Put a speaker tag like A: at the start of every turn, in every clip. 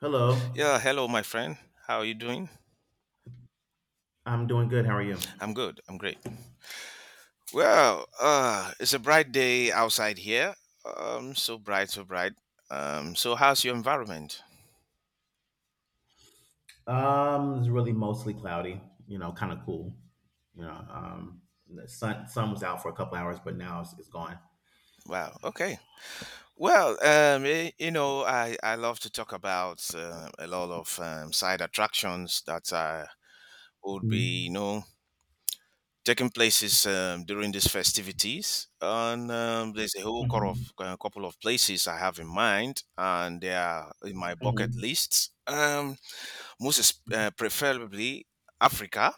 A: Hello.
B: Yeah, hello, my friend. How are you doing?
A: I'm doing good. How are you?
B: I'm good. I'm great. Well, it's a bright day outside here. So bright, so bright. So how's your environment?
A: It's really mostly cloudy, kind of cool. You know, um, the sun was out for a couple hours, but now it's gone.
B: Wow. Okay. Well, I love to talk about a lot of side attractions that would be, you
A: Mm-hmm.
B: know, taking places during these festivities. And There's a whole
A: Mm-hmm.
B: couple of places I have in mind, and they are in my bucket lists. Preferably Africa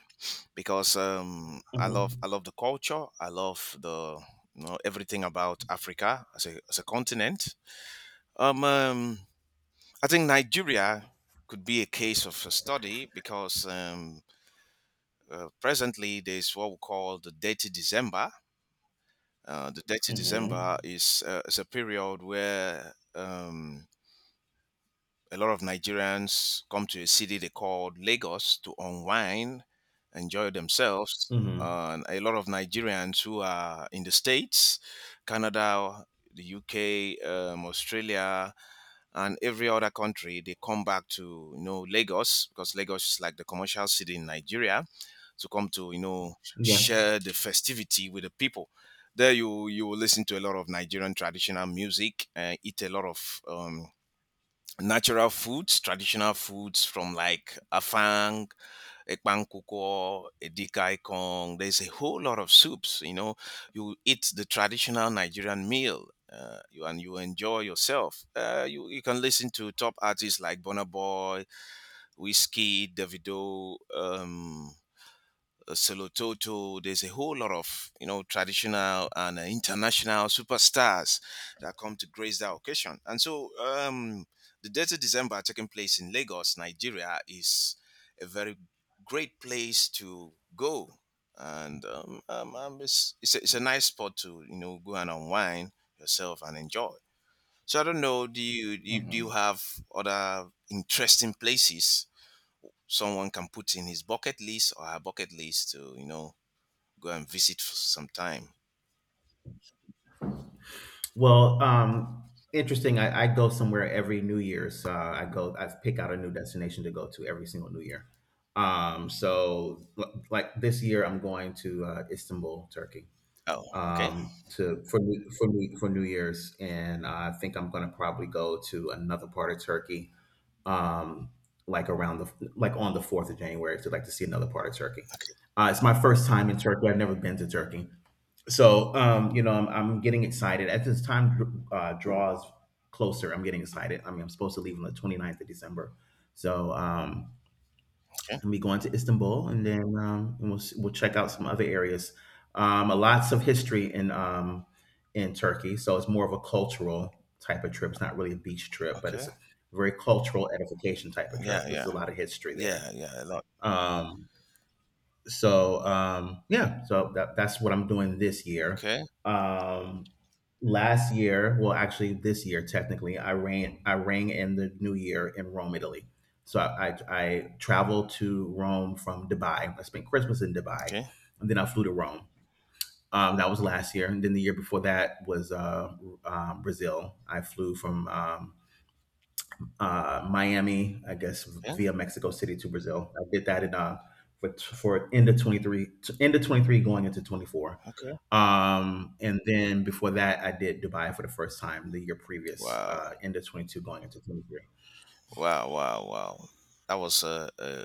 B: because I love
A: Mm-hmm.
B: I love the culture. I love, the you know, everything about Africa as a continent. Um, um I think Nigeria could be a case of a study because presently there's what we call the Dirty December. Uh, the Dirty
A: Mm-hmm.
B: December is uh, is a period where a lot of Nigerians come to a city they call Lagos to unwind, enjoy themselves.
A: Mm-hmm.
B: And a lot of Nigerians who are in the States, Canada, the UK, Australia, and every other country, they come back to, you know, Lagos because Lagos is like the commercial city in Nigeria to come to, you know,
A: Yeah.
B: share the festivity with the people. There you will listen to a lot of Nigerian traditional music, eat a lot of natural foods, traditional foods from like afang, ekpankukwo, edikaikong. There's a whole lot of soups. You know, you eat the traditional Nigerian meal. And you enjoy yourself. You can listen to top artists like Burna Boy, Whiskey, Davido, Solototo. There's a whole lot of, you know, traditional and international superstars that come to grace that occasion. And so, the Days of December taking place in Lagos, Nigeria, is a very great place to go, and it's a nice spot to, you know, go and unwind yourself and enjoy. So I don't know. Do you do you, do
A: Hmm.
B: you have other interesting places someone can put in his bucket list or her bucket list to, you know, go and visit for some time.
A: Well, interesting. I go somewhere every New Year's. I pick out a new destination to go to every single New Year. So, like this year, I'm going to Istanbul, Turkey,
B: Oh, okay, okay,
A: to for New- for New, for New Year's, and I think I'm gonna probably go to another part of Turkey, um, like around the, like, on the fourth of January, to, like, to see another part of Turkey. It's my first time in Turkey. I've never been to Turkey, so you know I'm getting excited as this time draws closer. I'm getting excited. I mean, I'm supposed to leave on the 29th of December, so
B: okay,
A: and be going to Istanbul, and then and we'll check out some other areas. Lots of history in Turkey, so it's more of a cultural type of trip. It's not really a beach trip, but it's
B: okay.
A: a very cultural edification type of trip.
B: Yeah,
A: There's
B: yeah,
A: a lot of history there.
B: yeah, yeah, a lot.
A: Um, yeah, so that's what I'm doing this year.
B: Okay,
A: Um, last year, well, actually this year technically, I rang in the new year in Rome, Italy. So I traveled to Rome from Dubai. I spent Christmas in Dubai,
B: okay,
A: and then I flew to Rome. That was last year, and then the year before that was Brazil. I flew from Miami, I guess
B: okay, okay.
A: via Mexico City to Brazil. I did that in for end of 23, going into 24. And then before that, I did Dubai for the first time the year previous,
B: Wow,
A: end of 22, going into 23.
B: wow, wow, wow. That was a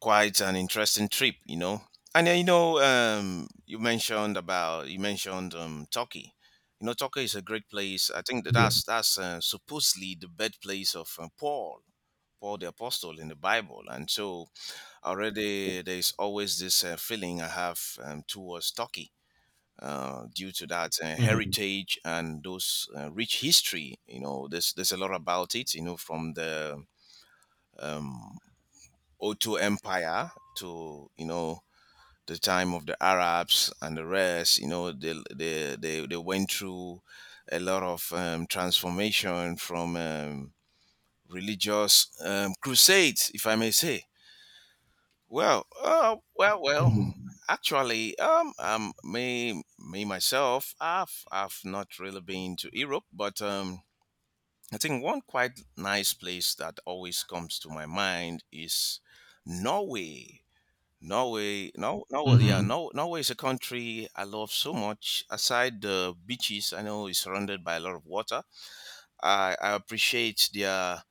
B: quite an interesting trip, you know. And then, you know, you mentioned Turkey. You know, Turkey is a great place. I think that
A: Yes.
B: that's that's uh, supposedly the birthplace of Paul. Paul the Apostle in the Bible. And so already there's always this feeling I have towards Turkey. Due to that
A: Hmm.
B: heritage and those rich history, you know, there's a lot about it, you know, from the Otto Empire to, you know, the time of the Arabs and the rest, you know, they went through a lot of transformation from religious crusades, if I may say. Well, well,
A: Hmm.
B: well. Actually, me myself, I've not really been to Europe, but I think one quite nice place that always comes to my mind is Norway. Norway, no, no, yeah,
A: Hmm.
B: no, Norway is a country I love so much. Aside the beaches, I know it's surrounded by a lot of water. I appreciate their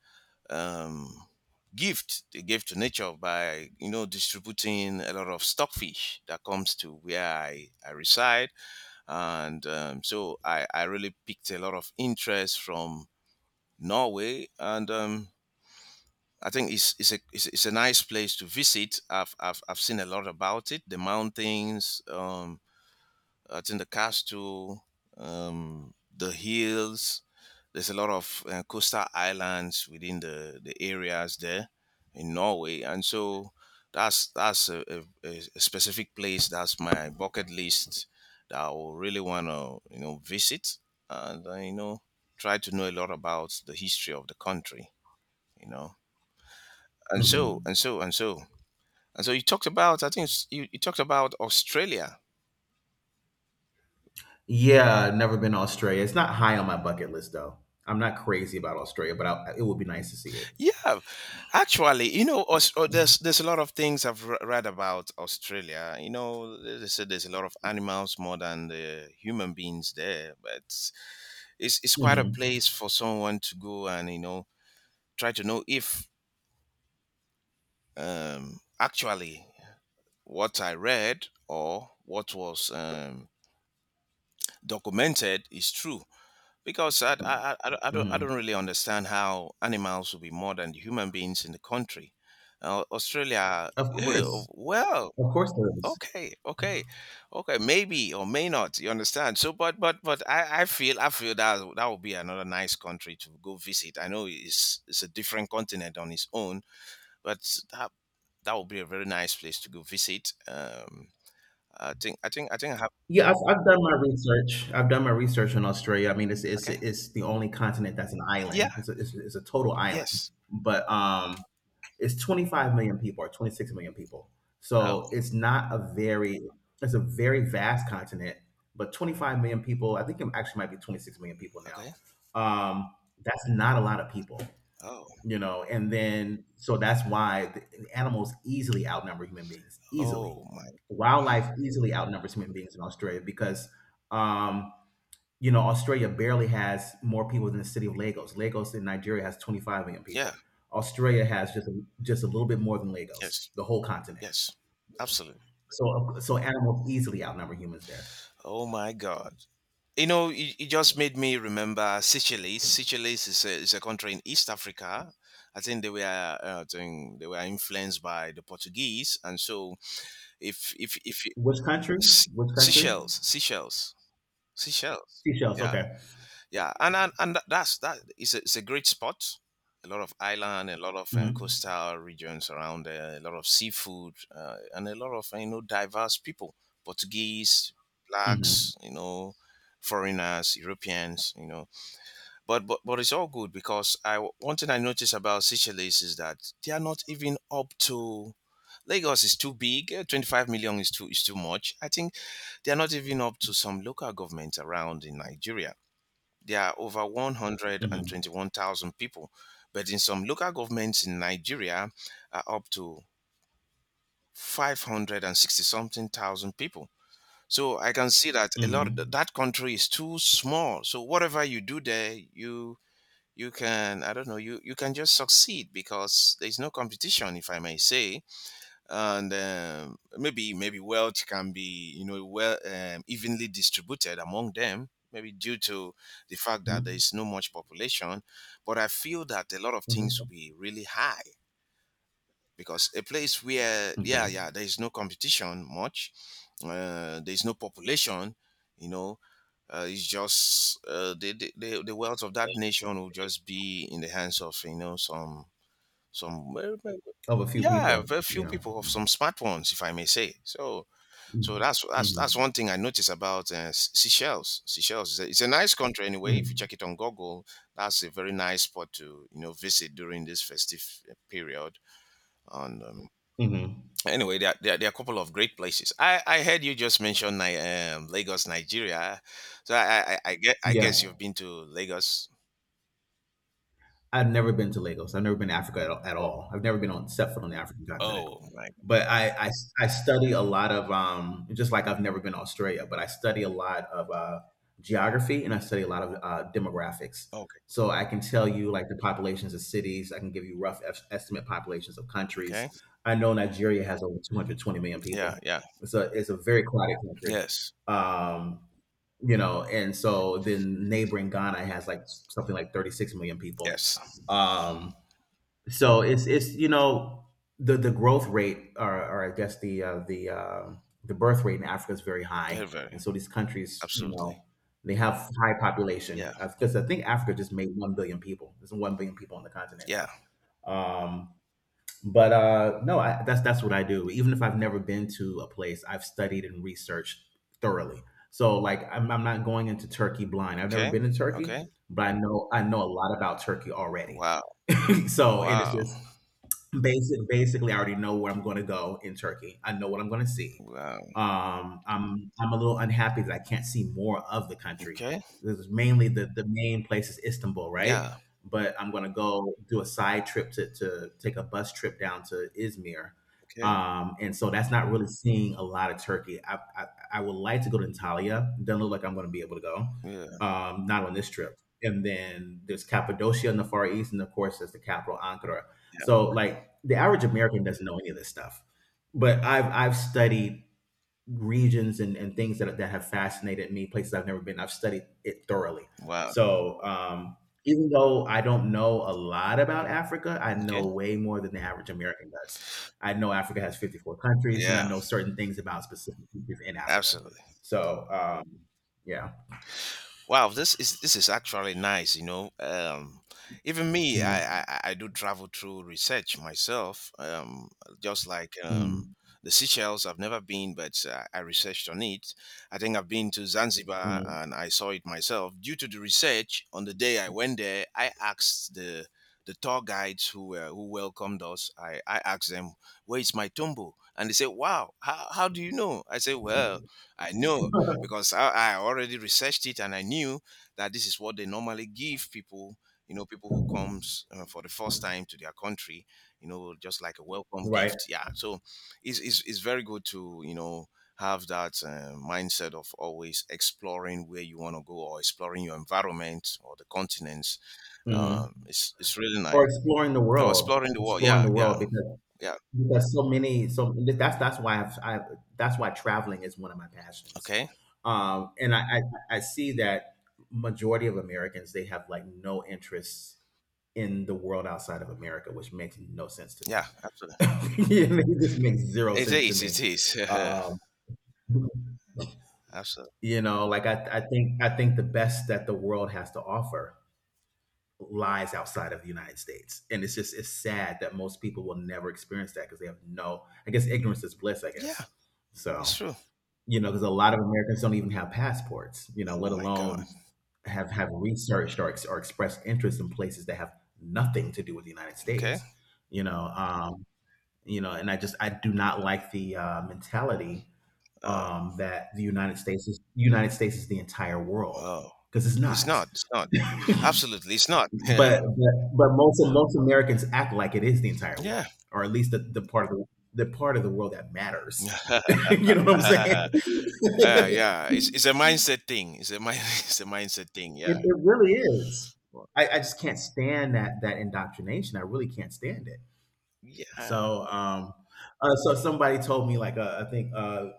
B: um, gift they gave to nature by, you know, distributing a lot of stockfish that comes to where I reside, and so I really picked a lot of interest from Norway, and I think it's a nice place to visit. I've seen a lot about it: the mountains, I think the castle, the hills. There's a lot of coastal islands within the areas there in Norway, and so that's a specific place that's my bucket list that I will really want to, you know, visit and, you know, try to know a lot about the history of the country, you know, and so
A: Hmm.
B: and so and so and so you talked about, I think s- you talked about Australia.
A: Yeah, never been to Australia. It's not high on my bucket list though. I'm not crazy about Australia, but it would be nice to see it.
B: Yeah, actually, you know, there's a lot of things I've read about Australia. You know, they said there's a lot of animals more than the human beings there, but it's quite a
A: Hmm.
B: place for someone to go and, you know, try to know if actually what I read or what was documented is true. Because I don't
A: Hmm.
B: really understand how animals will be more than human beings in the country. Australia,
A: Of course,
B: well,
A: of course, there is.
B: okay, okay, okay, maybe or may not. You understand? So, I feel that that would be another nice country to go visit. I know it's a different continent on its own, but that that would be a very nice place to go visit. I think I have.
A: Yeah, I've done my research. I've done my research on Australia. I mean,
B: Okay,
A: it's the only continent that's an island.
B: yeah,
A: It's a total island,
B: yes.
A: but it's 25 million people or 26 million people.
B: Oh,
A: So it's not a very, it's a very vast continent, but 25 million people. I think it actually might be 26 million people now.
B: okay.
A: Um, that's not a lot of people,
B: Oh,
A: and then so that's why the animals easily outnumber human beings easily,
B: oh my.
A: wildlife easily outnumbers human beings in Australia, because um Australia barely has more people than the city of Lagos. Lagos in Nigeria has 25 million
B: Yeah.
A: people. Australia has just a little bit more than Lagos,
B: Yes.
A: the whole continent.
B: Yes. Absolutely.
A: So animals easily outnumber humans there.
B: Oh my God. You know, it you just made me remember Seychelles. Seychelles is a country in East Africa. I think they were I think they were influenced by the Portuguese, and so if you,
A: Which country?
B: S-
A: Which country?
B: Seychelles, Seychelles, Seychelles,
A: Seychelles,
B: yeah,
A: okay.
B: yeah, that's that is a, it's a great spot, a lot of island, a lot of
A: Hmm.
B: coastal regions around there, a lot of seafood, and a lot of, you know, diverse people: Portuguese,
A: Hmm.
B: Blacks, you know, foreigners, Europeans, you know, but it's all good because I, one thing I noticed about Seychelles is that they are not even up to Lagos. Is too big. Eh, 25 million is too much. I think they are not even up to some local government around in Nigeria. There are over
A: Hmm.
B: 121,000 people, but in some local governments in Nigeria are up to 560 something thousand people. So I can see that a lot of
A: Hmm.
B: that country is too small. So whatever you do there, you can I don't know, you can just succeed because there is no competition, if I may say, and maybe wealth can be, you know, well, evenly distributed among them, maybe due to the fact that there is
A: Hmm.
B: no much population, but I feel that a lot of things
A: Hmm.
B: will be really high because a place where
A: Okay.
B: yeah, yeah, there is no competition much, there is no population, you know, the the wealth of that nation will just be in the hands of, you know, some well,
A: Of a few
B: yeah,
A: people.
B: very few
A: Yeah.
B: people have some smart ones, if I may say. So, so that's
A: Mm-hmm.
B: that's one thing I notice about Seychelles. Seychelles is a, it's a nice country anyway. If you
A: Mm-hmm.
B: check it on Google, that's a very nice spot to, you know, visit during this festive period. And
A: Hmm.
B: anyway, there are a couple of great places. I heard you just mention Lagos, Nigeria. So, I guess
A: Yeah.
B: you've been to Lagos.
A: I've never been to Lagos. I've never been to Africa at all. At
B: Oh,
A: all. I've never been on set foot on the African continent.
B: oh my.
A: But I study a lot of just like I've never been to Australia, but I study a lot of geography, and I study a lot of demographics.
B: Okay.
A: So I can tell you like the populations of cities. I can give you rough estimate populations of countries.
B: Okay.
A: I know Nigeria has over 220 million
B: Yeah.
A: people.
B: Yeah.
A: It's a very crowded country.
B: Yes.
A: Um, and so then neighboring Ghana has like something like 36 million people.
B: Yes.
A: Um, so it's the growth rate, or I guess the birth rate in Africa is very high,
B: Very. Very.
A: and so these countries,
B: Absolutely.
A: they have high population
B: Yeah.
A: because I think Africa just made 1 billion people. There's 1 billion people on the continent
B: Yeah.
A: now. Um, but no, that's what I do. Even if I've never been to a place, I've studied and researched thoroughly. So like I'm not going into Turkey blind. I've never
B: Okay.
A: been to Turkey,
B: Okay.
A: but I know a lot about Turkey already.
B: Wow.
A: So, and it's
B: Wow.
A: just, basically, I already know where I'm going to go in Turkey. I know what I'm going to see.
B: Wow.
A: I'm a little unhappy that I can't see more of the country.
B: Okay.
A: This is mainly, the main place is Istanbul, right?
B: Yeah.
A: But I'm going to go do a side trip, to take a bus trip down to Izmir,
B: Okay.
A: and so that's not really seeing a lot of Turkey. I would like to go to Antalya. Doesn't look like I'm going to be able to go.
B: Yeah.
A: Not on this trip. And then there's Cappadocia in the Far East, and of course, there's the capital, Ankara.
B: Yeah.
A: So
B: Okay.
A: like the average American doesn't know any of this stuff, but I've studied regions, and things that have fascinated me, places I've never been. I've studied it thoroughly.
B: Wow.
A: So even though I don't know a lot about Africa, I
B: Okay.
A: know way more than the average American does. I know Africa has 54 countries, and I
B: Yeah.
A: know certain things about specific countries in Africa.
B: Absolutely.
A: So yeah.
B: Wow, this is actually nice. You know, even me, I,
A: Mm,
B: I I do travel through research myself. Just like
A: mm,
B: The Seychelles, I've never been, but I researched on it. I think I've been to Zanzibar
A: mm.
B: and I saw it myself. Due to the research, on the day I went there, I asked the tour guides who were who welcomed us. I asked them, "Where is my tombo?" And they said, "Wow, how do you know?" I said, "Well, I know." Because I already researched it and I knew that this is what they normally give people, you know, people who comes for the first time to their country, you know, just like a welcome
A: Right.
B: gift. Yeah. So it's very good to, you know, have that mindset of always exploring where you want to go or exploring your environment or the continents.
A: Hmm.
B: It's really nice.
A: Or exploring the
B: Or
A: world,
B: exploring the world.
A: exploring
B: Yeah.
A: the
B: Yeah.
A: world, because
B: Yeah.
A: Because so many, so that's why I've, I that's why traveling is one of my passions,
B: Okay.
A: and I see that majority of Americans, they have like no interest in the world outside of America, which makes no sense to
B: Yeah.
A: me.
B: Absolutely.
A: It just makes zero
B: It
A: sense to
B: is. It
A: me.
B: is.
A: Um,
B: Absolutely.
A: like I think the best that the world has to offer lies outside of the United States. And it's just, it's sad that most people will never experience that because they have no, I guess ignorance is bliss, I
B: Yeah.
A: guess.
B: It's
A: So,
B: true.
A: because a lot of Americans don't even have passports, let
B: Oh my God.
A: alone have researched, or expressed interest in places that have nothing to do with the United
B: Okay.
A: States. You know, um, and I just, I do not like the mentality,
B: Uh,
A: that the United States is the entire world,
B: oh,
A: because it's
B: it's
A: not.
B: not. It's not. Absolutely, it's not. Yeah.
A: But most Americans act like it is the entire
B: Yeah.
A: world, or at least the part of the world that matters. You know what I'm
B: uh,
A: saying?
B: yeah. It's it's a mindset thing. It's a mind. It's a mindset thing. Yeah.
A: It really is.
B: Well,
A: I just can't stand that indoctrination. I really can't stand it.
B: yeah.
A: So, so somebody told me like, I think,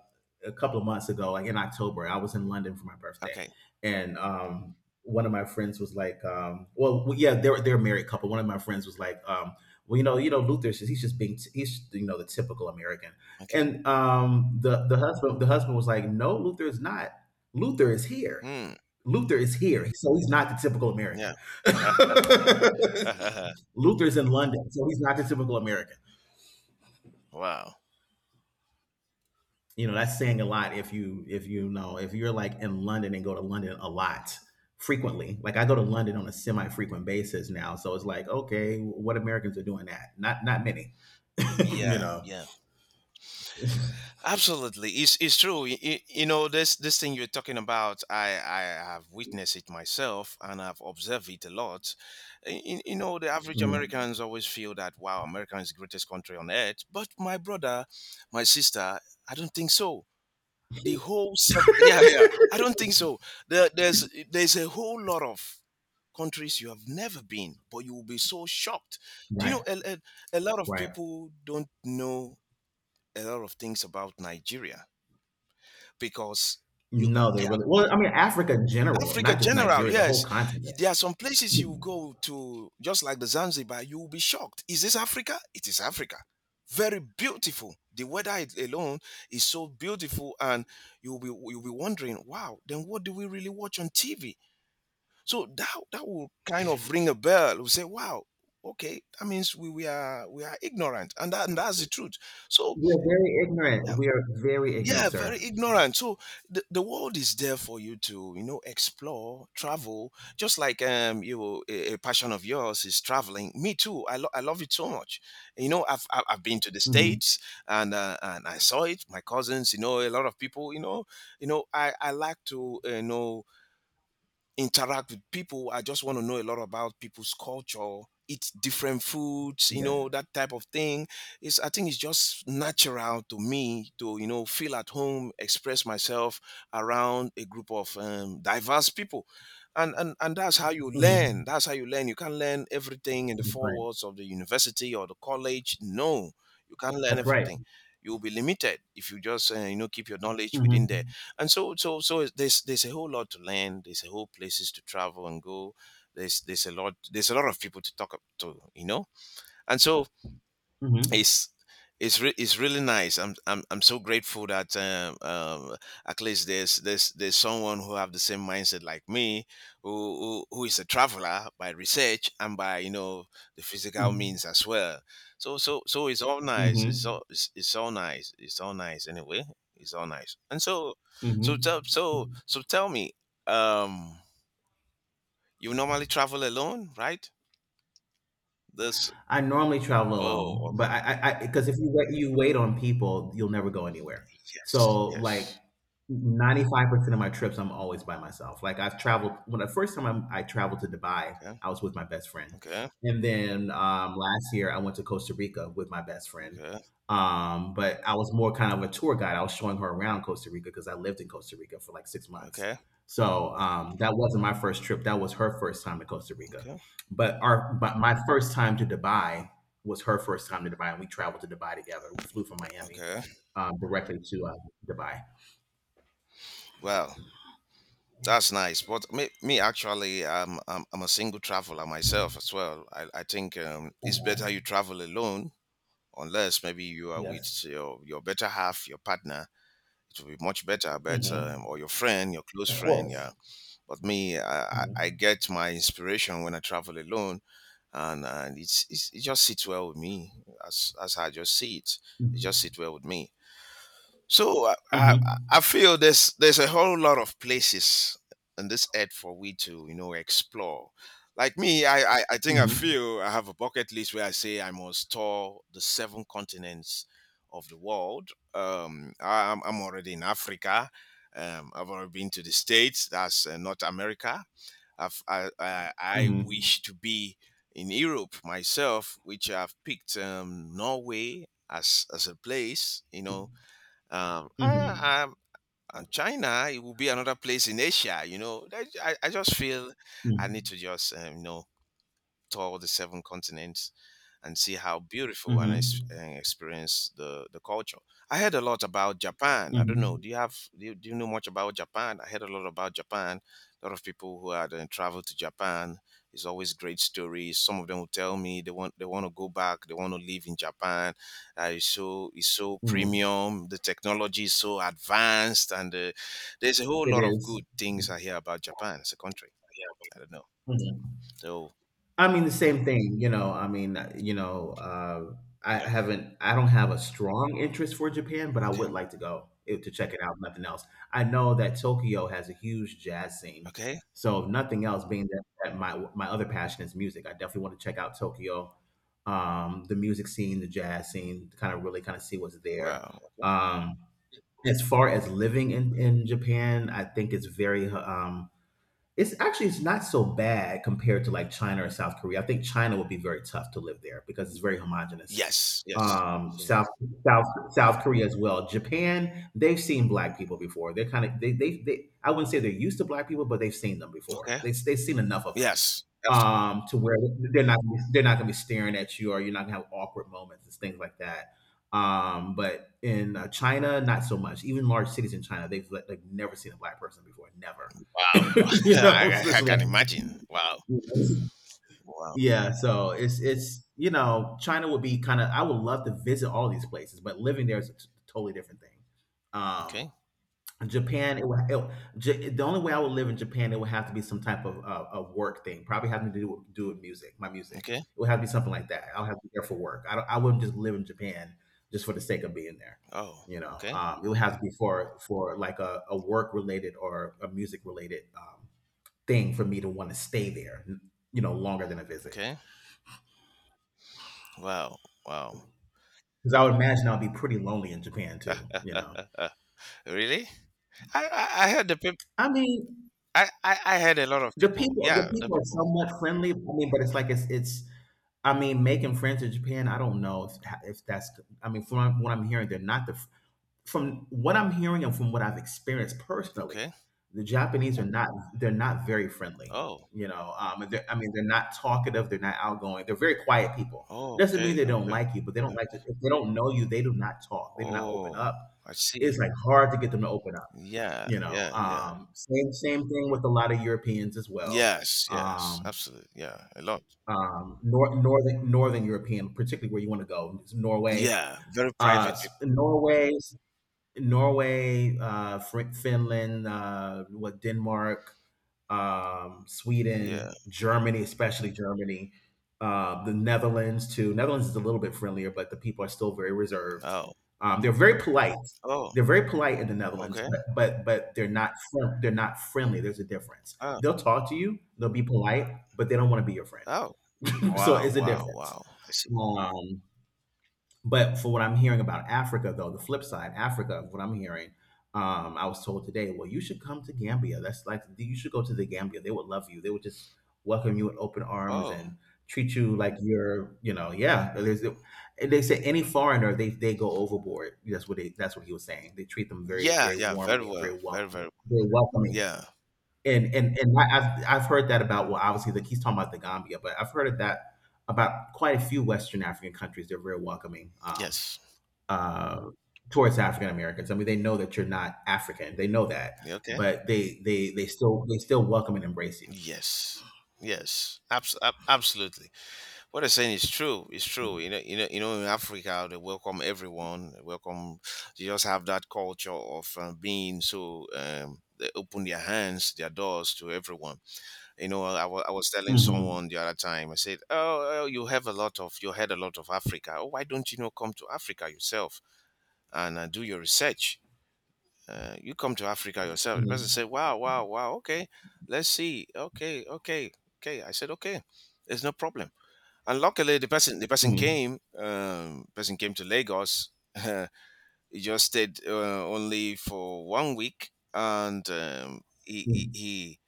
A: a couple of months ago, like in October, I was in London for my birthday,
B: Okay.
A: and one of my friends was like, "Well, yeah, they're a married couple." One of my friends was like, "Well, you know, he's just being, he's, you know, the typical American,"
B: Okay.
A: and the husband was like, "No, Luther is not. Luther is here.
B: Hmm.
A: Luther is here. So he's not the typical American."
B: Yeah.
A: Luther's in London, so he's not the typical American.
B: wow.
A: You know, that's saying a lot. If you, if you know, if you're like in London and go to London a lot frequently, like I go to London on a semi-frequent basis now, so it's like, okay, what Americans are doing that? Not many. You
B: Yeah.
A: know.
B: Yeah. Absolutely, it's true. You know this thing you're talking about. I have witnessed it myself, and I've observed it a lot. You know, the average
A: Mhm.
B: Americans always feel that wow, America is the greatest country on earth. But my brother, my sister, I don't think so. Yeah, yeah, I don't think so. There's a whole lot of countries you have never been, but you will be so shocked. Do you
A: Right.
B: know a lot of
A: Right.
B: people don't know a lot of things about Nigeria because you
A: No, they
B: yeah,
A: really, well, I mean, Africa in general,
B: Africa
A: not just
B: general,
A: Nigeria, the whole
B: yes.
A: continent.
B: There are some places you go to just like the Zanzibar, you will be shocked. Is this Africa? It is Africa. Very beautiful. The weather alone is so beautiful, and you'll be wondering, wow, then what do we really watch on TV? So that will kind of ring a bell. We say, wow, okay, that means we are ignorant, and that's the truth. So
A: We're very ignorant,
B: yeah,
A: we are very ignorant,
B: yeah,
A: sir.
B: very ignorant. So the world is there for you to explore, travel. Just like a passion of yours is traveling. Me too. I love it so much. You know, I've been to the
A: Hmm.
B: States, and I saw it, my cousins, you know, a lot of people, you know. You know, I like to interact with people. I just want to know a lot about people's culture, eat different foods, you
A: Yeah.
B: know, that type of thing. It's, I think it's just natural to me to feel at home, express myself around a group of diverse people. And that's how you learn.
A: Hmm.
B: That's how you learn. You can't learn everything in the
A: That's
B: four
A: right.
B: walls of the university or the college. No, you can't learn
A: That's right.
B: everything. You'll be limited if you just keep your knowledge within there.
A: Hmm.
B: And there's a whole lot to learn. There's a whole places to travel and go. There's a lot of people to talk up to, you know. And so
A: Hmm.
B: it's, it's really nice. I'm so grateful that at least there's someone who have the same mindset like me, who is a traveler by research and by, you know, the physical
A: Hmm.
B: means as well. So it's all nice. It's all nice. It's all nice anyway. It's all nice. And so
A: Hmm.
B: so tell so
A: Hmm.
B: so tell me, um, you normally travel alone, right? This
A: I normally travel alone,
B: oh okay,
A: but because if you wait, you wait on people, you'll never go anywhere.
B: yes
A: So like
B: yes,
A: 95% of my trips, I'm always by myself. Like I've traveled, when the first time I traveled to Dubai,
B: okay
A: I was with my best friend.
B: okay,
A: And then last year I went to Costa Rica with my best friend.
B: okay,
A: But I was more kind of a tour guide. I was showing her around Costa Rica because I lived in Costa Rica for like 6 months.
B: okay,
A: So that wasn't my first trip. That was her first time in Costa Rica.
B: okay,
A: But our but my first time to Dubai was her first time to Dubai, and we traveled to Dubai together. We flew from Miami
B: okay.
A: directly to Dubai.
B: Well, that's nice. But me, actually, I'm a single traveler myself as well. I think it's
A: Uh-huh.
B: better you travel alone, unless maybe you are with
A: Yes.
B: your better half, your partner. It will be much better, but
A: Mm-hmm.
B: or your friend, your close
A: Of
B: friend, yeah.
A: course.
B: But me, I
A: Hmm.
B: get my inspiration when I travel alone, and it's it just sits well with me. That's how I just see it. It just sits well with me. So I, I,
A: Mm-hmm.
B: I feel there's a whole lot of places in this earth for we to, you know, explore. Like me, I think I
A: Mm-hmm.
B: feel I have a bucket list where I say I must tour the seven continents of the world. I'm already in Africa. I've already been to the States. That's North America. I've, I
A: Mm-hmm.
B: wish to be in Europe myself, which I've picked Norway as a place. You know, um,
A: Mm-hmm.
B: I, um, and China, it will be another place in Asia. You know, I just feel I need to just tour the seven continents and see how beautiful and
A: Mm-hmm.
B: and experience the culture. I heard a lot about Japan. I don't know.
A: Mm-hmm.
B: Do you have do you know much about Japan? I heard a lot about Japan. A lot of people who had traveled to Japan is always great stories. Some of them will tell me they want to go back. They want to live in Japan. It's so, it's so
A: Mm-hmm.
B: premium. The technology is so advanced, and there's a whole
A: It
B: lot of
A: is.
B: good things I hear about Japan as a country. I don't know.
A: Yeah.
B: So
A: I mean, the same thing, I mean,
B: yeah,
A: I don't have a strong interest for Japan, but I
B: okay,
A: would like to go to check it out, if nothing else. I know that Tokyo has a huge jazz scene.
B: okay.
A: So if nothing else, being that my other passion is music, I definitely want to check out Tokyo, the music scene, the jazz scene, to kind of really kind of see what's there.
B: Wow.
A: Um, as far as living in Japan, I think it's actually, it's not so bad compared to like China or South Korea. I think China would be very tough to live there because it's very homogenous.
B: Yes, yes.
A: Um,
B: So
A: South South South Korea as well. Japan, they've seen black people before. They're kind of they I wouldn't say they're used to black people, but they've seen them before.
B: okay.
A: They've seen enough of them
B: Yes, absolutely.
A: to where they're not they're not gonna be staring at you, or you're not gonna have awkward moments and things like that. But in China, not so much. Even large cities in China, they've like never seen a black person before, never.
B: Wow.
A: you know,
B: I
A: so
B: I
A: it's
B: I can imagine. Wow.
A: like,
B: Wow.
A: yeah. So it's China would be kind of. I would love to visit all these places, but living there is a totally different thing. Um,
B: Okay,
A: Japan, it would, it, Ja- the only way I would live in Japan, it would have to be some type of a work thing, probably having to do with, music, my music.
B: okay.
A: It would have to be something like that. I would have to be there for work. I wouldn't just live in Japan just for the sake of being there.
B: Oh,
A: You know,
B: okay,
A: it would have to be for like a work related or a music related thing for me to want to stay there. You know, longer than a visit
B: okay. Wow, wow.
A: because I would imagine I'd be pretty lonely in Japan too. You know,
B: Really? I I I heard the peop
A: I mean,
B: I heard a lot of
A: the
B: people.
A: people the
B: Yeah, the
A: people are
B: people.
A: somewhat friendly. I mean, but it's like it's I mean, making friends in Japan, I don't know if that's. I mean, from what I'm hearing, they're not the. From what I'm hearing and from what I've experienced personally,
B: Okay.
A: the Japanese are not. They're not very friendly.
B: Oh.
A: You know, I mean, they're not talkative. They're not outgoing. They're very quiet people.
B: Oh,
A: Doesn't mean
B: okay,
A: they don't
B: okay.
A: like you, but they don't
B: Yeah.
A: like to. If they don't know you, they do not talk. They do not open
B: Oh,
A: up.
B: I
A: It's
B: see.
A: like hard to get them to open up.
B: Yeah,
A: You know,
B: yeah, yeah.
A: same thing with a lot of Europeans as well.
B: Yes, yes.
A: Um,
B: Absolutely. Yeah, a lot.
A: northern European, particularly where you want to go, Norway,
B: Yeah, very
A: uh,
B: private
A: s-
B: people.
A: Norway, Finland, what Denmark,
B: Yeah.
A: Sweden, Germany, especially Germany, the Netherlands too. Netherlands is a little bit friendlier, but the people are still very reserved.
B: Oh.
A: They're very polite.
B: Oh,
A: They're very polite in the Netherlands, but
B: okay.
A: they're not friendly. There's a difference.
B: Oh.
A: They'll talk to you. They'll be polite, but they don't want to be your friend.
B: Oh.
A: So
B: Wow,
A: it's a
B: wow,
A: difference.
B: wow. I see.
A: Um, but for what I'm hearing about Africa, though, the flip side, Africa, of what I'm hearing, I was told today, well, you should come to Gambia. That's like you should go to the Gambia. They would love you. They would just welcome you with open arms
B: Oh.
A: and treat you like you're, yeah. And they say any foreigner, they go overboard. That's what they. That's what he was saying. They treat them very,
B: Yeah,
A: very
B: yeah, very
A: warmly and very
B: well. Very,
A: welcome,
B: very.
A: very welcoming.
B: Yeah.
A: And I've heard that about, well, obviously, like he's talking about the Gambia, but I've heard of that about quite a few Western African countries. They're very welcoming
B: Yes.
A: uh, towards African Americans. I mean, they know that you're not African. They know that,
B: You okay?
A: but they still welcome and embrace you.
B: Yes. Yes. Absolutely. What I'm saying is true. It's true. You know, in Africa they welcome everyone. They welcome, they just have that culture of being so they open their hands, their doors to everyone. You know, I was telling
A: Mhm.
B: someone the other time, I said, oh, oh, you had a lot of Africa. Oh, why don't you know, come to Africa yourself and do your research? You come to Africa yourself. The person
A: Mhm.
B: said, wow, wow, wow, okay, let's see. Okay, okay, okay. I said, okay, there's no problem. And luckily, the
A: Mhm.
B: person came to Lagos. He just stayed only for 1 week, and
A: Mhm.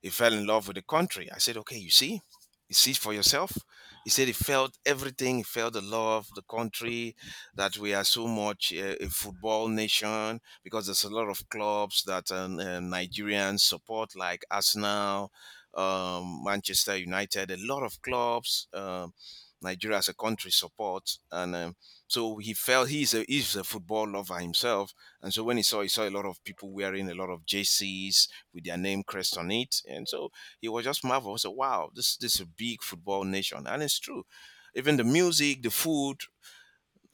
B: he fell in love with the country. I said, okay, you see for yourself. He said he felt everything. He felt the love, the country, that we are so much a football nation because there's a lot of clubs that Nigerians support, like Arsenal, Manchester United, a lot of clubs. Nigeria as a country supports, and so he felt he's a football lover himself, and so when he saw a lot of people wearing a lot of JCs with their name crest on it. And so he was just marveled. So wow, this is a big football nation, and it's true. Even the music, the food,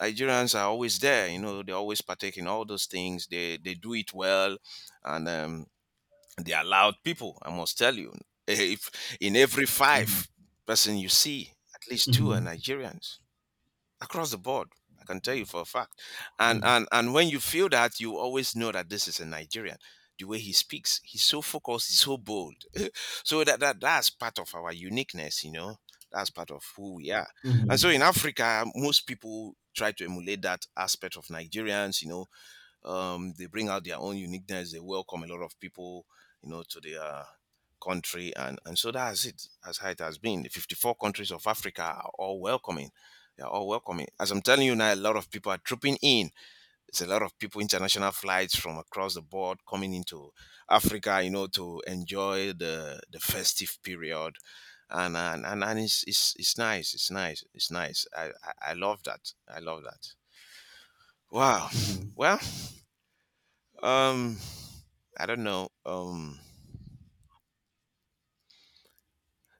B: Nigerians are always there. You know, they always partake in all those things. They do it well, and they are loud people. I must tell you, if in every five person you see, at least two are
A: Mhm.
B: Nigerians across the board. I can tell you for a fact. And
A: Mhm.
B: and and when you feel that, you always know that this is a Nigerian. The way he speaks, he's so focused, he's so bold. So that, that's part of our uniqueness, you know. That's part of who we are. And so
A: Mhm.
B: in Africa, most people try to emulate that aspect of Nigerians, you know, they bring out their own uniqueness. They welcome a lot of people, you know, to their country, and so that's it. That's how it has been. The 54 countries of Africa are all welcoming. They are all welcoming. As I'm telling you now, a lot of people are trooping in. There's a lot of people, international flights from across the board coming into Africa, you know, to enjoy the festive period. And it's, it's nice, it's nice, it's nice. I love that. I love that. Wow.
A: Mhm.
B: Well, um I don't know.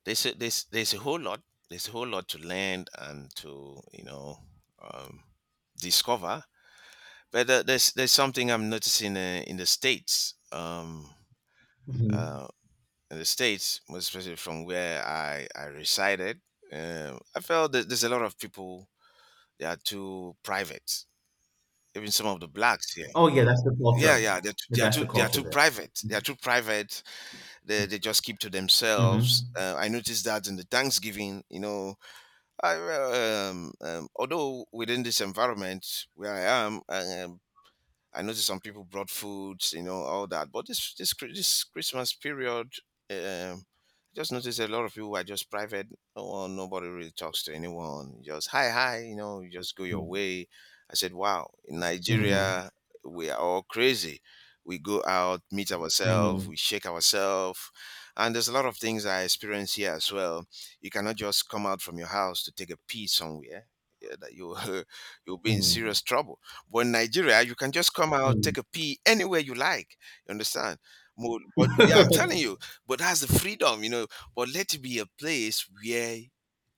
B: There's a, there's a whole lot. There's a whole lot to learn and to, you know, um, discover. But there's something I'm noticing in the States.
A: Mhm.
B: Uh, in the States, most especially from where I resided, I felt that there's a lot of people, they are too private. Even some of the blacks here.
A: Oh yeah, that's the culture.
B: Yeah, yeah,
A: Yeah, that's the
B: they are
A: culture
B: too
A: there.
B: private. They are too private. They just keep to
A: Mm.
B: themselves.
A: Mhm.
B: I noticed that in the Thanksgiving, you know, I although within this environment where I am, I noticed some people brought foods, you know, all that. But this Christmas period, I just noticed a lot of people are just private. No one, nobody really talks to anyone. Just hi, hi, you know, you just go
A: Yeah.
B: your way. I said, wow, in
A: Mhm.
B: Nigeria, we are all crazy. We go out, meet ourselves,
A: Mm.
B: we shake ourselves. And there's a lot of things I experience here as well. You cannot just come out from your house to take a pee somewhere. Yeah, that you you'll be in
A: Mhm.
B: serious trouble, but in Nigeria, you can just come
A: Mm. Mhm.
B: out,
A: Mm. Mhm.
B: take a pee anywhere you like. You understand? But yeah, I'm telling you. But that's the freedom, you know. But let it be a place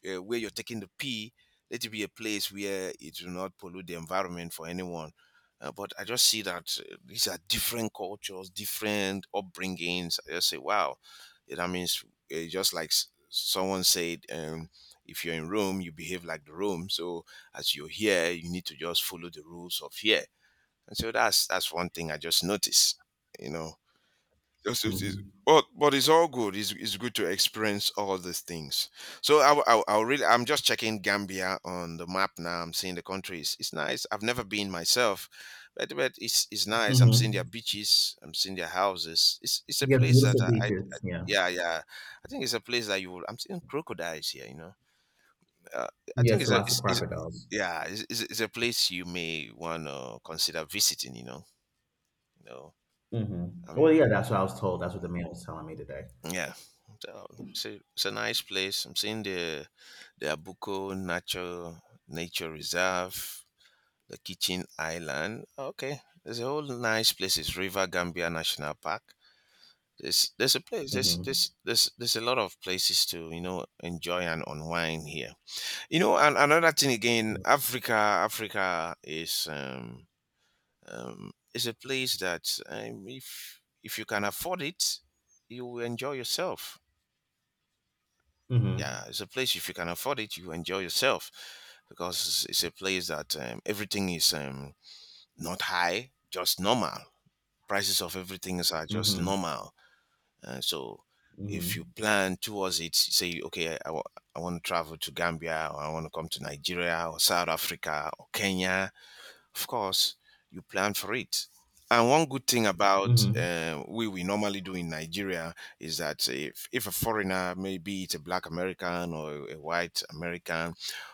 B: where you're taking the pee. Let it be a place where it will not pollute the environment for anyone. But I just see that these are different cultures, different upbringings. I just say, wow, eh, that means just like someone said, if you're in Rome, you behave like the Rome. So as you're here, you need to just follow the rules of here. And so that's one thing I just noticed, you know. Just
A: Mm.
B: notice.
A: Mhm.
B: But it's all good. It's good to experience all these things. So I really I'm just checking Gambia on the map now. I'm seeing the countries. It's nice. I've never been myself, but it's nice. I'm seeing their
A: Mhm.
B: beaches. I'm seeing their houses. It's a
A: Yeah,
B: place that
A: beautiful
B: I
A: beaches. Yeah.
B: yeah, yeah. I think it's a place that you will. I'm seeing crocodiles here. You know uh, I think
A: Yes,
B: it's a
A: lots of
B: it's, it's
A: crocodiles.
B: yeah it's a place you may want to consider visiting. You know, you know.
A: Mm. Mhm.
B: I mean,
A: Well, yeah, that's what I was told. That's what the man was telling me today.
B: yeah. So it's a nice place. I'm seeing the Abuko Nature Reserve, the Kitchen Island. Okay, there's a whole nice places. River Gambia National Park. There's a place. There's
A: Mm.
B: there's there's there's a lot of places to you know enjoy and unwind here. You know, and another thing again,
A: Mhm.
B: Africa is it's a place that if you can afford it, you will enjoy yourself.
A: Mm.
B: Yeah, it's a place if you can afford it, you enjoy yourself because it's a place that everything is not high, just normal. Prices of everything are just
A: Mhm.
B: normal. So if you
A: Mm.
B: plan towards it, say, okay, I want to travel to Gambia or I want to come to Nigeria or South Africa or Kenya of course you plan for it and one good thing about
A: Mhm.
B: we normally do in Nigeria is that if a foreigner, maybe it's a black American or a white American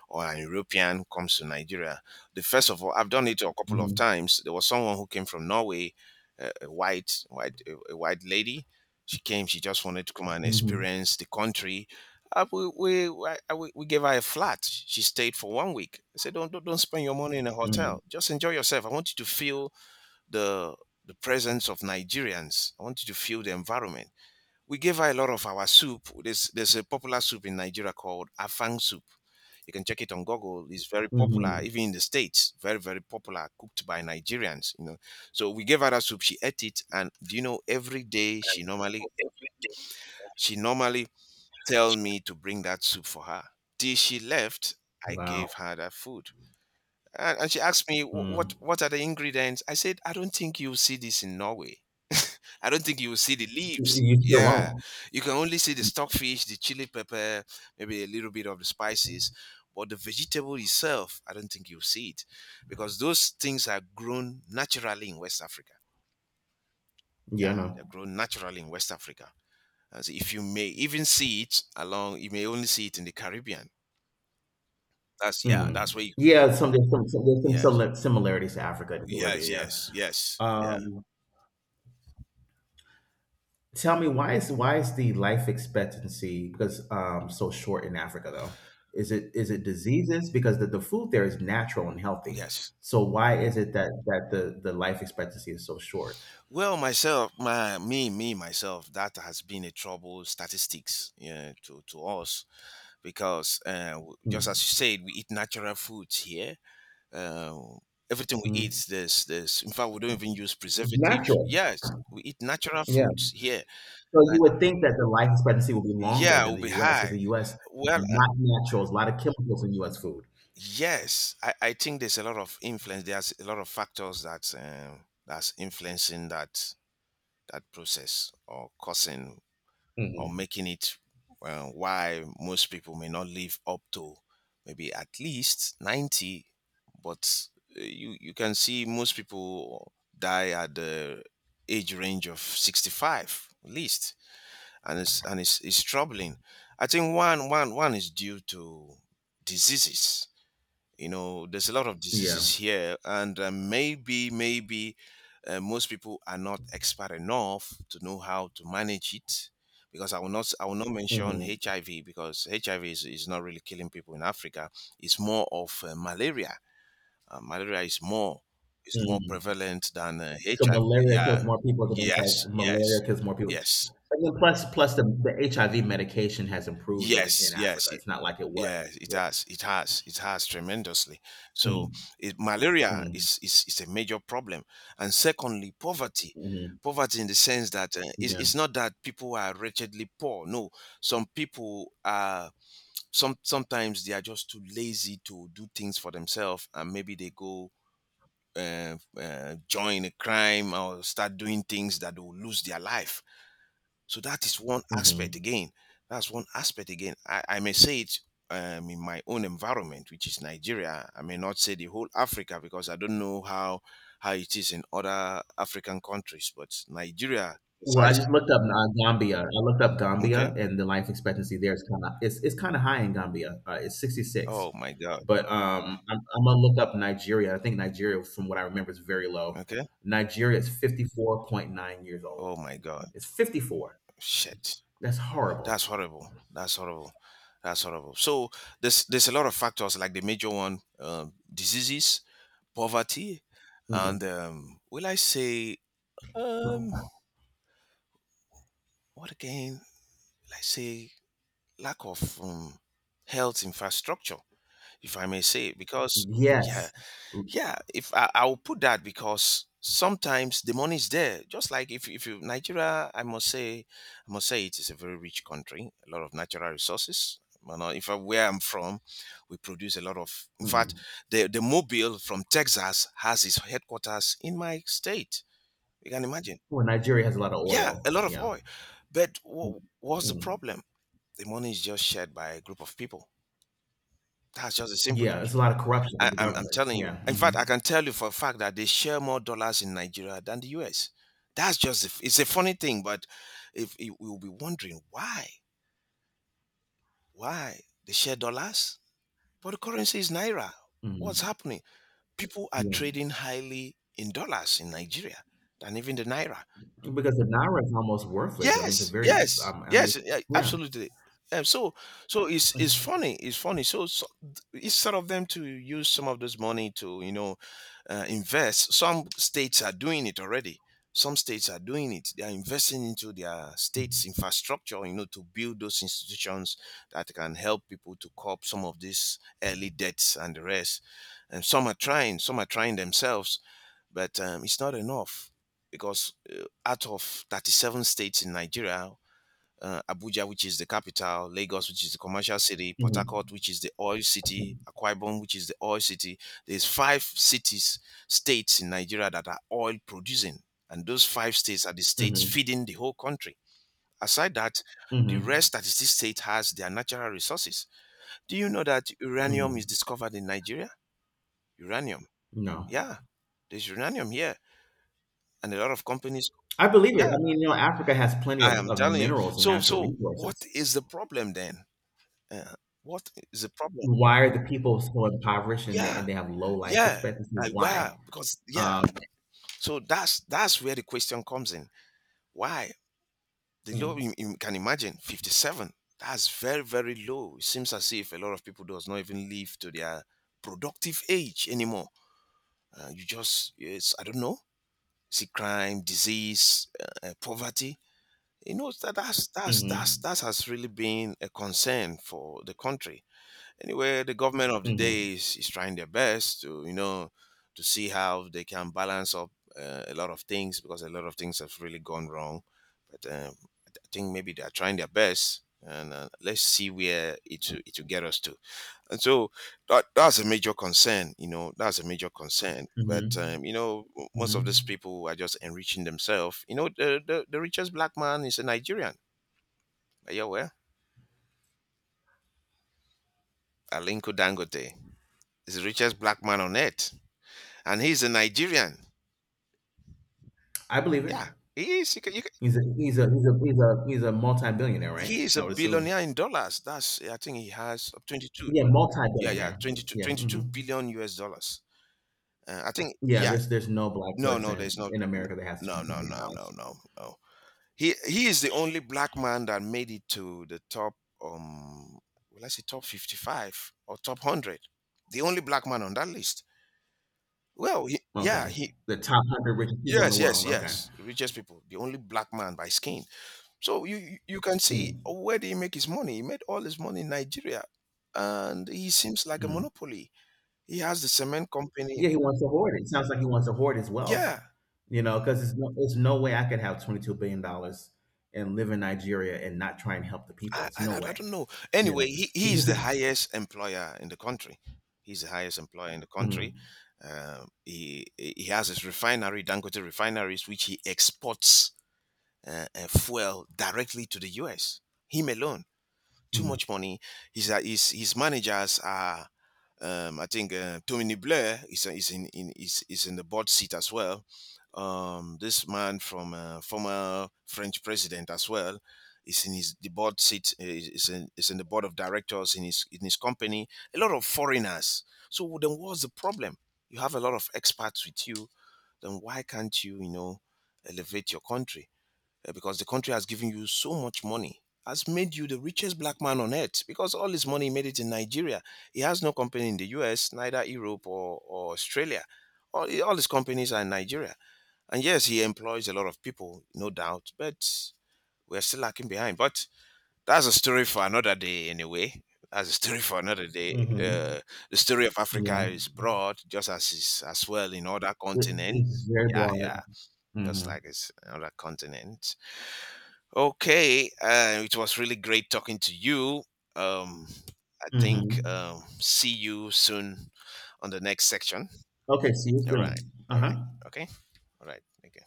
B: or an European, comes to Nigeria, the first of all, I've done it a
A: Mm.
B: couple
A: Mhm.
B: of
A: Mm.
B: times. There was someone who came from Norway, a a white lady. She came. She just wanted to come and
A: Mhm.
B: experience the country uh, we, we, we gave her a flat. She stayed for 1 week. I said, don't spend your money in a
A: Mhm.
B: hotel. Just enjoy yourself. I want you to feel the, the presence of Nigerians. I want you to feel the environment. We gave her a lot of our soup. There's a popular soup in Nigeria called Afang soup. You can check it on Google. It's very
A: Mhm. Mm.
B: popular,
A: Mhm.
B: even in the States. Very, very popular, cooked by Nigerians. You know, so we gave her that soup. She ate it, and do you know? Every day, she normally tell me to bring that soup for her. Till she left, I gave
A: Wow.
B: her that food. And she asked me,
A: Mm.
B: what are the ingredients? I said, I don't think you'll see this in Norway. I don't think you'll see the leaves.
A: You sure
B: Yeah.
A: won't.
B: You can only see the stockfish, the chili pepper, maybe a little bit of the spices. But the vegetable itself, I don't think you'll see it because those things are grown naturally in West Africa.
A: Yeah,
B: Yeah, they're
A: no.
B: grown naturally in West Africa. As if you may even see it along, you may only see it in the Caribbean. That's yeah,
A: Mhm.
B: that's where you can see.
A: Yeah, some there's some
B: Yes.
A: simi similarities to Africa and Caribbean,
B: Yes,
A: yeah.
B: yes, yes. Yeah.
A: Um, Tell me, why is the life expectancy, so short in Africa, though? Is it diseases? Because the food there is natural and healthy.
B: Yes.
A: So why is it that that the life expectancy is so short?
B: Well, myself, my me, me, myself, that has been a trouble statistics, yeah, to us because just
A: Mm,
B: as you said, we eat natural foods here. Um, everything we
A: mm.
B: eat, there's in fact we don't even use
A: It's
B: preservatives.
A: natural.
B: Yes, we eat natural
A: Yeah.
B: foods here,
A: So you
B: and
A: would think that the life expectancy would be longer
B: yeah,
A: than
B: we'll
A: the
B: be
A: U.S. because
B: high.
A: the U.S.
B: Well,
A: not natural. There's a lot of chemicals in U.S. food.
B: yes, I think there's a lot of influence. There's a lot of factors that that's influencing that that process or causing or
A: Mhm.
B: making it why most people may not live up to maybe at least 90. But you can see most people die at the age range of 65 at least, and it's troubling. I think one is due to diseases you know there's a lot of diseases
A: Yeah.
B: here and maybe most people are not expert enough to know how to manage it because I will not mention
A: Mhm.
B: hiv because hiv is not really killing people in africa it's more of malaria is more
A: Mm.
B: prevalent than
A: So
B: hiv.
A: malaria kills
B: Yeah,
A: more people than
B: yes,
A: HIV.
B: yes,
A: Malaria kills more people.
B: yes,
A: And then plus the HIV medication has improved in
B: yes, yes.
A: Africa. It's not like it was.
B: Yeah, it has. It has. It has tremendously.
A: Mm,
B: So it,
A: mm,
B: is a major problem, and secondly, poverty.
A: mm,
B: Poverty in the sense that
A: yeah.
B: it's not that people are wretchedly poor. No, some people are. Sometimes they are just too lazy to do things for themselves, and maybe they go join a crime or start doing things that will lose their life. So that is one aspect
A: Hmm.
B: again. That's one aspect again. I may say it in my own environment, which is Nigeria. I may not say the whole Africa because I don't know how it is in other African countries, but Nigeria,
A: Well, I
B: besides,
A: just looked up Gambia. I looked up Gambia,
B: okay.
A: and the life expectancy there is kind of, it's kind of high in Gambia. It's 66,
B: Oh my God.
A: but I'm gonna look up Nigeria. I think Nigeria, from what I remember, is very low.
B: Okay.
A: Nigeria is 54.9 years old.
B: Oh my God.
A: It's 54.
B: Shit.
A: That's
B: That's
A: horrible.
B: horrible. That's horrible. That's horrible. So there's a lot of factors like the major one, diseases, poverty, and
A: Mm.
B: will I say um, What again, let's say, lack of health infrastructure, if I may say, because yeah,
A: Yes.
B: yeah, if I, I will put that because sometimes the money is there. Just like if you Nigeria, I must say it is a very rich country, a lot of natural resources. You know, if I, where I'm from, we produce a lot of. In fact,
A: Mm.
B: the mobile from Texas has its headquarters in my state. You can imagine
A: Well, Nigeria has a lot of
B: yeah,
A: oil.
B: a lot of
A: Yeah.
B: oil. But what's the
A: Mm.
B: problem? The money is just shared by a group of people. That's just the simple
A: Yeah,
B: truth.
A: it's a lot of corruption in the
B: I'm
A: government.
B: telling you.
A: Yeah.
B: In
A: Hmm.
B: fact, I can tell you for a fact that they share more dollars in Nigeria than the US. That's just, it's a funny thing, but if you will be wondering why they share dollars? But the currency is Naira. What's
A: Hmm.
B: happening? People are
A: Yeah.
B: trading highly in dollars in Nigeria than even the Naira.
A: Because the naira is almost worthless. I mean, it's a
B: Yes,
A: very.
B: yes,
A: I mean,
B: yes, yeah,
A: yeah.
B: absolutely. Um, so, so it's funny, it's funny. So instead of them to use some of this money to you know invest, some states are doing it already. Some states are doing it. They are investing into their state's infrastructure, you know, to build those institutions that can help people to cope some of these early debts and the rest. And some are trying themselves but it's not enough because out of 37 states in Nigeria, Abuja, which is the capital, Lagos, which is the commercial city, Port Harcourt,
A: Mm-hmm.
B: which is the oil city, Akwa Ibom, which is the oil city. There's five cities, states in Nigeria that are oil producing, and those five states are the states
A: Mm-hmm.
B: feeding the whole country. Aside that, the
A: Mm-hmm.
B: rest 36 states has their natural resources. Do you know that uranium is
A: Hmm.
B: discovered in Nigeria? Uranium,
A: No,
B: yeah, there's uranium here, and a lot of companies.
A: I believe it.
B: Yeah,
A: I mean, you know, Africa has plenty of,
B: I am
A: of
B: telling you.
A: minerals and natural
B: So what
A: resources.
B: is the problem then? Uh, what is the problem?
A: Why are the people so impoverished and they,
B: Yeah,
A: and they have low life
B: yeah.
A: expectancy?
B: Like
A: Why?
B: where? Because yeah.
A: Um,
B: So that's where the question comes in. Why the low? You can imagine 57. That's very very low. It seems as if a lot of people does not even live to their productive age anymore. You just it's I don't know. See crime, disease, poverty you know that that's
A: mm-hmm.
B: that has really been a concern for the country anyway the government of the
A: Hmm.
B: day is trying their best to you know to see how they can balance up a lot of things because a lot of things have really gone wrong but I think maybe they are trying their best and let's see where it will get us to and so that's a major concern you know that's a major concern but
A: Hmm.
B: you know most of these
A: Mhm.
B: people are just enriching themselves you know the richest black man is a nigerian are you aware alinko dangote is the richest black man on earth and he's a Nigerian.
A: I believe it.
B: Yeah, he is. You can,
A: He's a multi-billionaire, right?
B: he is
A: I
B: a
A: would assume.
B: billionaire in dollars. That's I think he has 22.
A: Yeah,
B: Yeah, yeah,
A: multi-billionaire.
B: 22,
A: Yeah. Mhm.
B: 22 billion US dollars. I think
A: Yeah.
B: yeah.
A: There's no black
B: No, no,
A: person
B: there's not.
A: in
B: No,
A: America that has twenty
B: no, no,
A: million
B: no, no,
A: dollars.
B: no. No. He is the only black man that made it to the top. Um, well, I say top 55 or top 100. The only black man on that list. Well,
A: Okay.
B: he
A: The top 100 richest people in the
B: yes, yes,
A: world. Okay.
B: yes, richest people. The only black man by skin. So you can see
A: Mm,
B: where did he make his money? He made all his money in Nigeria, and he seems like a
A: mm.
B: monopoly. He has the cement company.
A: Yeah, he wants to hoard it. Sounds like he wants to hoard his wealth.
B: Yeah,
A: You know, because it's no way I could have $22 billion and live in Nigeria and not try and help the people. It's no
B: I don't
A: way.
B: know.
A: You
B: Anyway,
A: know.
B: he is the highest employer in the country. He's the highest employer in the
A: Mm,
B: country. He has his refinery, Dangote refineries, which he exports fuel directly to the U.S. Him alone. Too
A: mm,
B: much money. His his managers are, I think Tony Blair is in is is in the board seat as well. This man from former French president as well is in his the board seat is in the board of directors in his company. A lot of foreigners. So then, what's the problem? You have a lot of expats with you. Then why can't you you know elevate your country? Because the country has given you so much money, has made you the richest black man on earth because all his money made it in Nigeria. He has no company in the US, neither Europe or Australia. All his companies are in Nigeria. And yes, he employs a lot of people, no doubt, but we're still lacking behind. But that's a story for another day, anyway. That's a story for another day. The story of Africa
A: mhm.
B: is broad, just as is as well in other
A: It's
B: continents.
A: very
B: Yeah, yeah,
A: broad.
B: just
A: Hmm.
B: like it's another continent. Okay, it was really great talking to you. Um, I think
A: Hmm.
B: see you soon on the next section.
A: Okay, see you
B: All right,
A: soon.
B: all right,
A: Uh-huh.
B: okay, all right. Thank you.